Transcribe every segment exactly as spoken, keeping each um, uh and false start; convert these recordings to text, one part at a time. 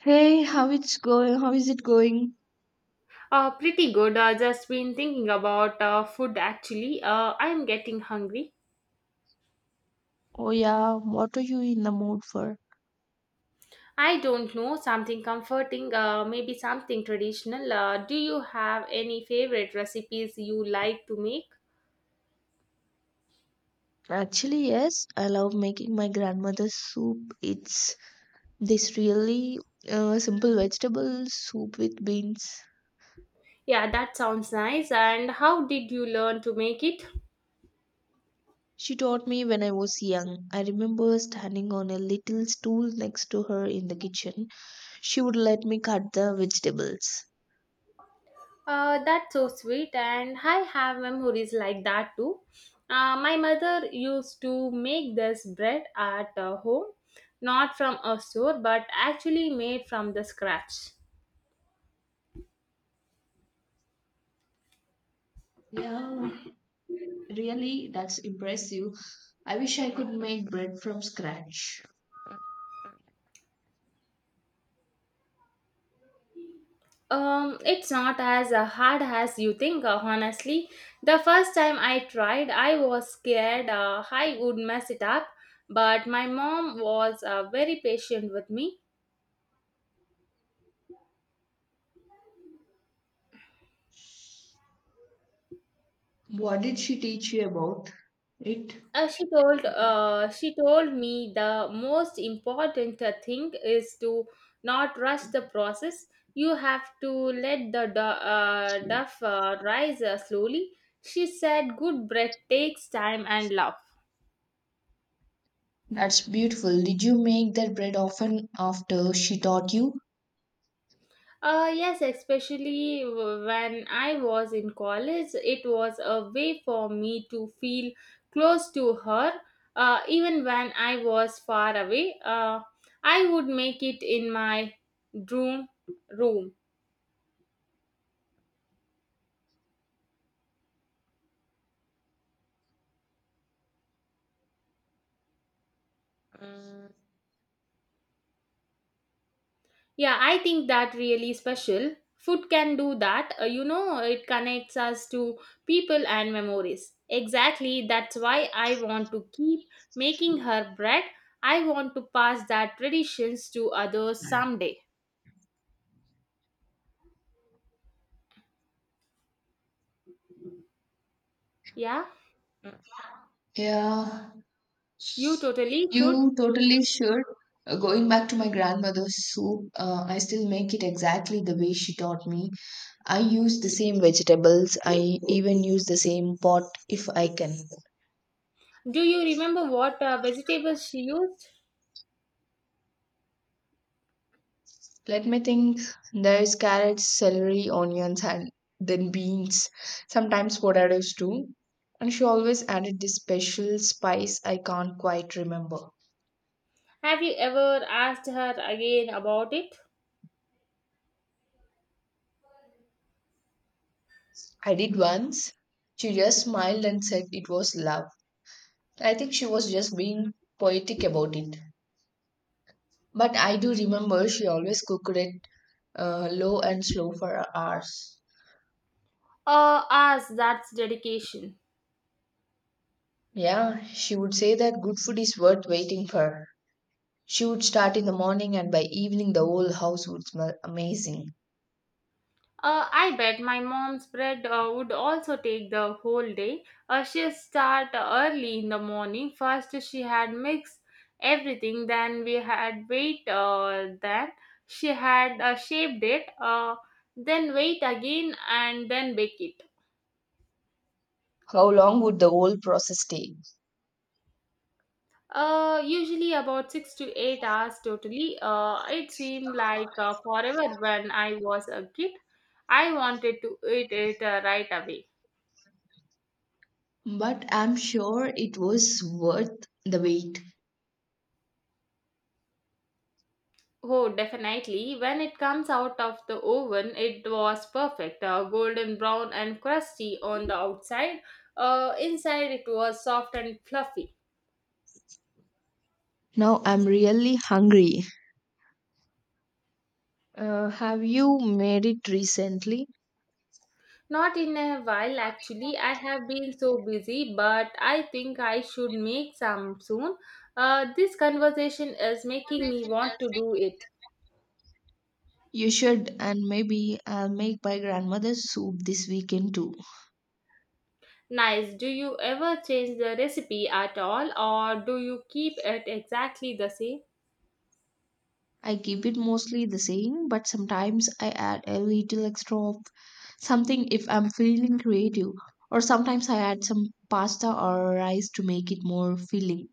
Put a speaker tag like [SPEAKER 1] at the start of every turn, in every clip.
[SPEAKER 1] Hey, how it's going? How is it going?
[SPEAKER 2] Uh, pretty good. Uh, just been thinking about uh, food actually. Uh, I'm getting hungry.
[SPEAKER 1] Oh yeah, what are you in the mood for?
[SPEAKER 2] I don't know, something comforting, uh, maybe something traditional. Uh, do you have any favorite recipes you like to make?
[SPEAKER 1] Actually, yes, I love making my grandmother's soup. It's this really uh, simple vegetable soup with beans.
[SPEAKER 2] Yeah, that sounds nice. And how did you learn to make it?
[SPEAKER 1] She taught me when I was young. I remember standing on a little stool next to her in the kitchen. She would let me cut the vegetables.
[SPEAKER 2] Uh, that's so sweet, and I have memories like that too. Uh, my mother used to make this bread at uh, home, not from a store, but actually made from the scratch.
[SPEAKER 1] Yeah, really, that's impressive. I wish I could make bread from scratch.
[SPEAKER 2] Um, it's not as uh, hard as you think, uh, honestly. The first time I tried, I was scared uh, I would mess it up, but my mom was uh, very patient with me.
[SPEAKER 1] What did she teach you about it?
[SPEAKER 2] Uh, she told uh, she told me the most important uh, thing is to not rush the process. You have to let the du- uh, duff uh, rise uh, slowly. She said good bread takes time and love.
[SPEAKER 1] That's beautiful. Did you make that bread often after she taught you?
[SPEAKER 2] Uh, yes, especially w- when I was in college, it was a way for me to feel close to her, uh, even when I was far away. Uh, I would make it in my room room. Yeah, I think that really special. Food can do that. Uh, you know, it connects us to people and memories. Exactly, that's why I want to keep making her bread. I want to pass that traditions to others someday. Yeah,
[SPEAKER 1] Yeah,
[SPEAKER 2] you totally fruit.
[SPEAKER 1] you totally should. Uh, Going back to my grandmother's soup, uh, I still make it exactly the way she taught me. I use the same vegetables. I even use the same pot if I can.
[SPEAKER 2] Do you remember what uh, vegetables she used?
[SPEAKER 1] Let me think. There's carrots, celery, onions, and then beans. Sometimes potatoes too. And she always added this special spice I can't quite remember.
[SPEAKER 2] Have you ever asked her again about it?
[SPEAKER 1] I did once. She just smiled and said it was love. I think she was just being poetic about it. But I do remember she always cooked it uh, low and slow for hours.
[SPEAKER 2] Uh, ask that's dedication.
[SPEAKER 1] Yeah, she would say that good food is worth waiting for. She would start in the morning, and by evening, the whole house would smell amazing.
[SPEAKER 2] Uh, I bet my mom's bread uh, would also take the whole day. Uh, she'll start early in the morning. First, she had mixed everything, then we had wait, uh, then she had uh, shaped it, uh, then wait again, and then bake it.
[SPEAKER 1] How long would the whole process take?
[SPEAKER 2] Uh, usually about six to eight hours totally. Uh, it seemed like uh, forever when I was a kid. I wanted to eat it uh, right away.
[SPEAKER 1] But I'm sure it was worth the wait.
[SPEAKER 2] Oh, definitely. When it comes out of the oven, it was perfect. Uh, golden brown and crusty on the outside. Uh, inside, it was soft and fluffy.
[SPEAKER 1] Now I'm really hungry. Uh, have you made it recently?
[SPEAKER 2] Not in a while, actually. I have been so busy, but I think I should make some soon. Uh, this conversation is making me want to do it.
[SPEAKER 1] You should, and maybe I'll make my grandmother's soup this weekend too.
[SPEAKER 2] Nice. Do you ever change the recipe at all, or do you keep it exactly the same?
[SPEAKER 1] I keep it mostly the same, but sometimes I add a little extra of something if I'm feeling creative, or sometimes I add some pasta or rice to make it more filling.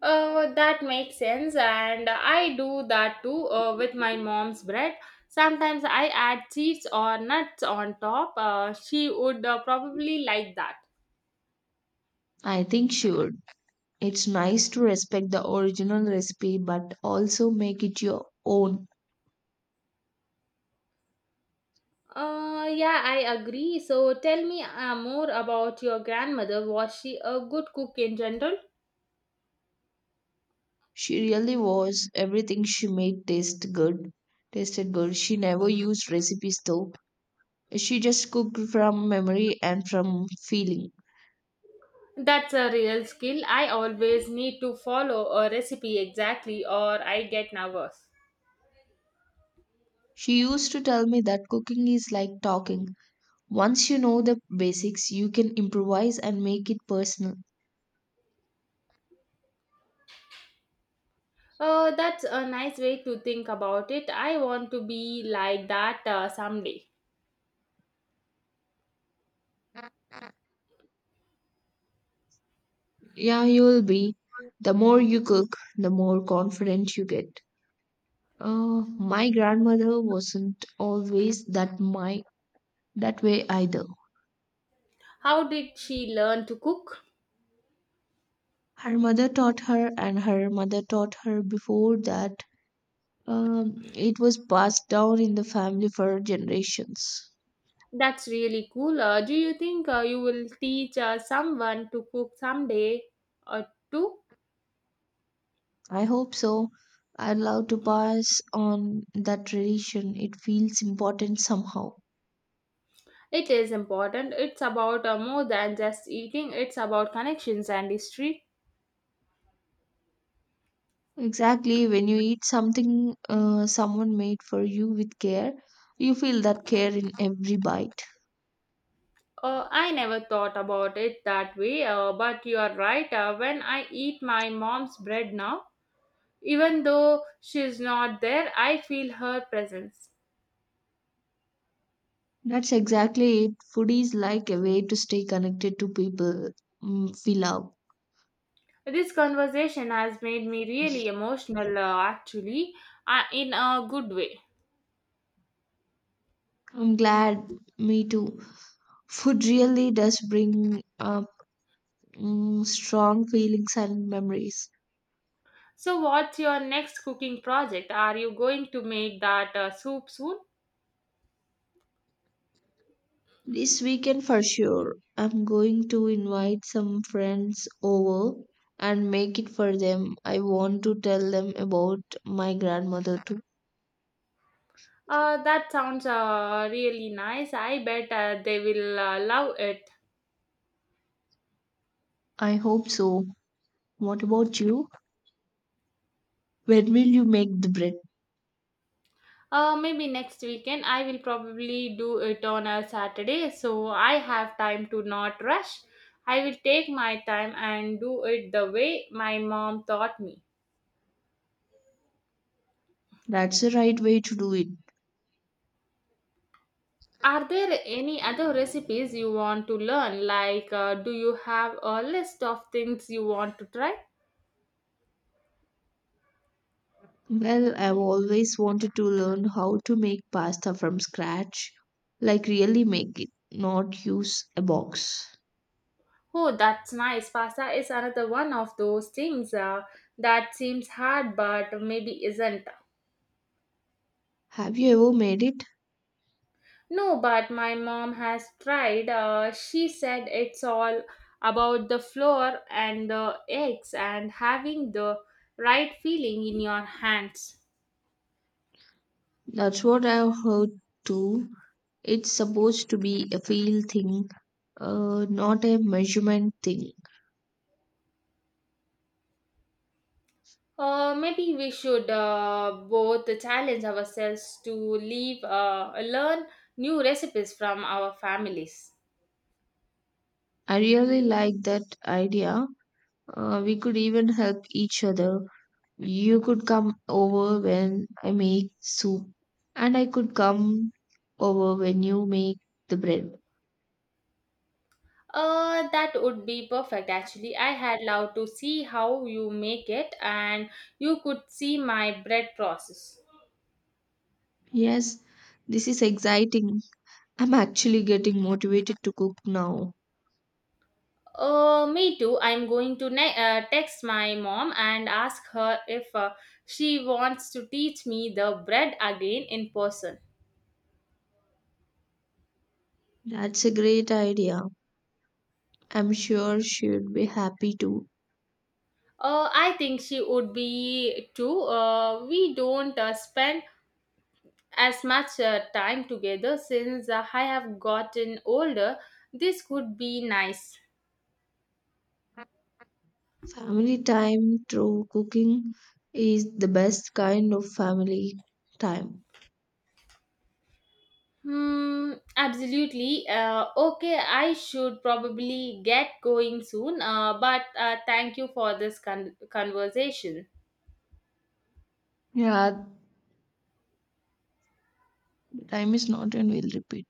[SPEAKER 2] Uh, that makes sense, and I do that too uh, with my mom's bread. Sometimes I add seeds or nuts on top. Uh, she would uh, probably like that.
[SPEAKER 1] I think sure, it's nice to respect the original recipe but also make it your own.
[SPEAKER 2] Uh, yeah, I agree. So tell me uh, more about your grandmother. Was she a good cook in general?
[SPEAKER 1] She really was everything she made taste good, tasted good. She never used recipes though. She just cooked from memory and from feeling.
[SPEAKER 2] That's a real skill. I always need to follow a recipe exactly, or I get nervous.
[SPEAKER 1] She used to tell me that cooking is like talking. Once you know the basics, you can improvise and make it personal.
[SPEAKER 2] Uh, that's a nice way to think about it. I want to be like that uh, someday.
[SPEAKER 1] Yeah, you will be. The more you cook, the more confident you get. Uh, my grandmother wasn't always that my that way either.
[SPEAKER 2] How did she learn to cook?
[SPEAKER 1] Her mother taught her, and her mother taught her before that. Um, it was passed down in the family for generations.
[SPEAKER 2] That's really cool. Uh, do you think uh, you will teach uh, someone to cook someday or two?
[SPEAKER 1] I hope so. I'd love to pass on that tradition. It feels important somehow.
[SPEAKER 2] It is important. It's about uh, more than just eating, it's about connections and history.
[SPEAKER 1] Exactly. When you eat something uh, someone made for you with care, you feel that care in every bite.
[SPEAKER 2] Uh, I never thought about it that way, uh, but you are right. Uh, when I eat my mom's bread now, even though she's not there, I feel her presence.
[SPEAKER 1] That's exactly it. Food is like a way to stay connected to people mm, we love.
[SPEAKER 2] This conversation has made me really emotional, uh, actually, uh, in a good way.
[SPEAKER 1] I'm glad. Me too. Food really does bring up mm, strong feelings and memories.
[SPEAKER 2] So, what's your next cooking project? Are you going to make that uh, soup soon?
[SPEAKER 1] This weekend for sure. I'm going to invite some friends over and make it for them. I want to tell them about my grandmother too.
[SPEAKER 2] Uh, that sounds uh, really nice. I bet uh, they will uh, love it.
[SPEAKER 1] I hope so. What about you? When will you make the bread?
[SPEAKER 2] Uh, maybe next weekend. I will probably do it on a Saturday, so I have time to not rush. I will take my time and do it the way my mom taught me.
[SPEAKER 1] That's the right way to do it.
[SPEAKER 2] Are there any other recipes you want to learn? Like, uh, do you have a list of things you want to try?
[SPEAKER 1] Well, I've always wanted to learn how to make pasta from scratch, like really make it, not use a box.
[SPEAKER 2] Oh, that's nice. Pasta is another one of those things uh, that seems hard but maybe isn't.
[SPEAKER 1] Have you ever made it?
[SPEAKER 2] No, but my mom has tried. Uh, she said it's all about the flour and the eggs and having the right feeling in your hands.
[SPEAKER 1] That's what I've heard too. It's supposed to be a feel thing, uh, not a measurement thing.
[SPEAKER 2] Uh, maybe we should uh, both challenge ourselves to leave, uh, learn new recipes from our families.
[SPEAKER 1] I really like that idea. Uh, we could even help each other. You could come over when I make soup, and I could come over when you make the bread.
[SPEAKER 2] Uh, that would be perfect actually. I had loved to see how you make it and you could see my bread process.
[SPEAKER 1] Yes, this is exciting. I'm actually getting motivated to cook now.
[SPEAKER 2] Uh, me too. I'm going to ne- uh, text my mom and ask her if uh, she wants to teach me the bread again in person.
[SPEAKER 1] That's a great idea. I'm sure she'd be happy too.
[SPEAKER 2] Uh, I think she would be too. Uh, we don't uh, spend as much uh, time together since uh, I have gotten older. This could be nice.
[SPEAKER 1] Family time through cooking is the best kind of family time.
[SPEAKER 2] Hmm, absolutely. Uh, okay, I should probably get going soon, uh, but uh, thank you for this con- conversation.
[SPEAKER 1] Yeah, time is not and we'll repeat.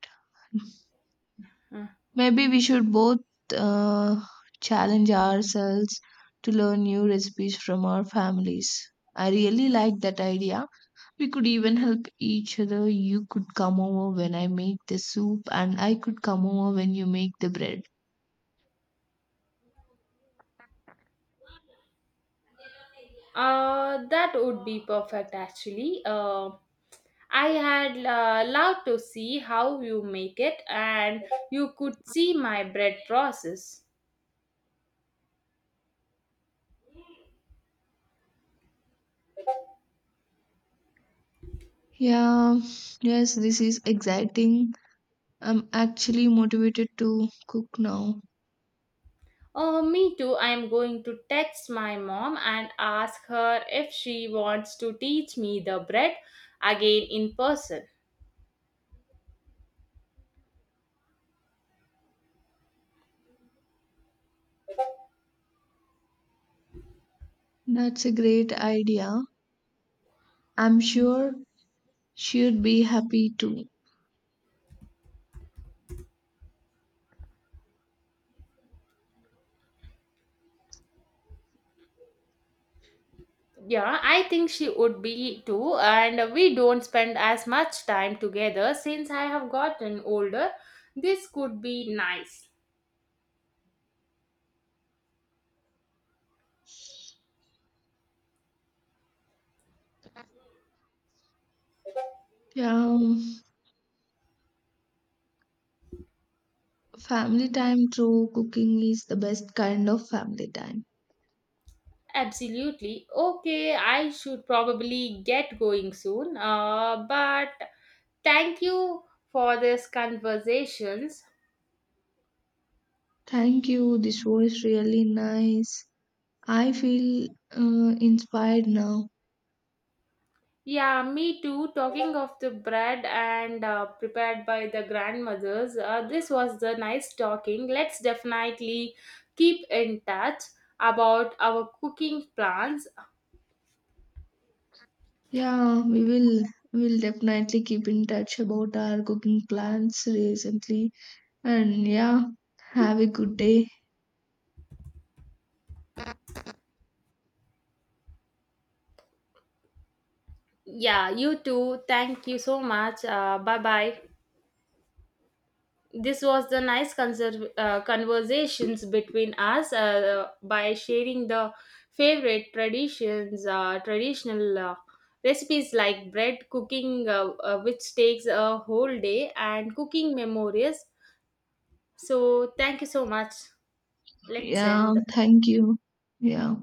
[SPEAKER 2] Mm.
[SPEAKER 1] Maybe we should both uh, challenge ourselves to learn new recipes from our families. I really like that idea. We could even help each other. You could come over when I make the soup, and I could come over when you make the bread.
[SPEAKER 2] Uh, that would be perfect actually. Uh, I had uh, loved to see how you make it, and you could see my bread process.
[SPEAKER 1] Yeah, yes, this is exciting. I'm actually motivated to cook now.
[SPEAKER 2] Oh, me too. I'm going to text my mom and ask her if she wants to teach me the bread again in person.
[SPEAKER 1] That's a great idea. I'm sure she'd be happy too.
[SPEAKER 2] Yeah, I think she would be too, and we don't spend as much time together since I have gotten older. This could be nice.
[SPEAKER 1] Yeah, um, family time through cooking is the best kind of family time.
[SPEAKER 2] Absolutely. Okay, I should probably get going soon. Uh, but thank you for this conversation.
[SPEAKER 1] Thank you. This was really nice. I feel uh, inspired now.
[SPEAKER 2] Yeah, me too. Talking of the bread and uh, prepared by the grandmothers, uh, this was the nice talking. Let's definitely keep in touch about our cooking plans.
[SPEAKER 1] Yeah, we will we'll definitely keep in touch about our cooking plans recently. And yeah, have a good day.
[SPEAKER 2] Yeah, you too. Thank you so much. Uh, bye bye. This was the nice conser- uh, conversations between us uh, by sharing the favorite traditions uh, traditional uh, recipes like bread cooking uh, uh, which takes a whole day and cooking memories, so thank you so much, let's
[SPEAKER 1] Yeah,
[SPEAKER 2] end the call.
[SPEAKER 1] thank you. Yeah.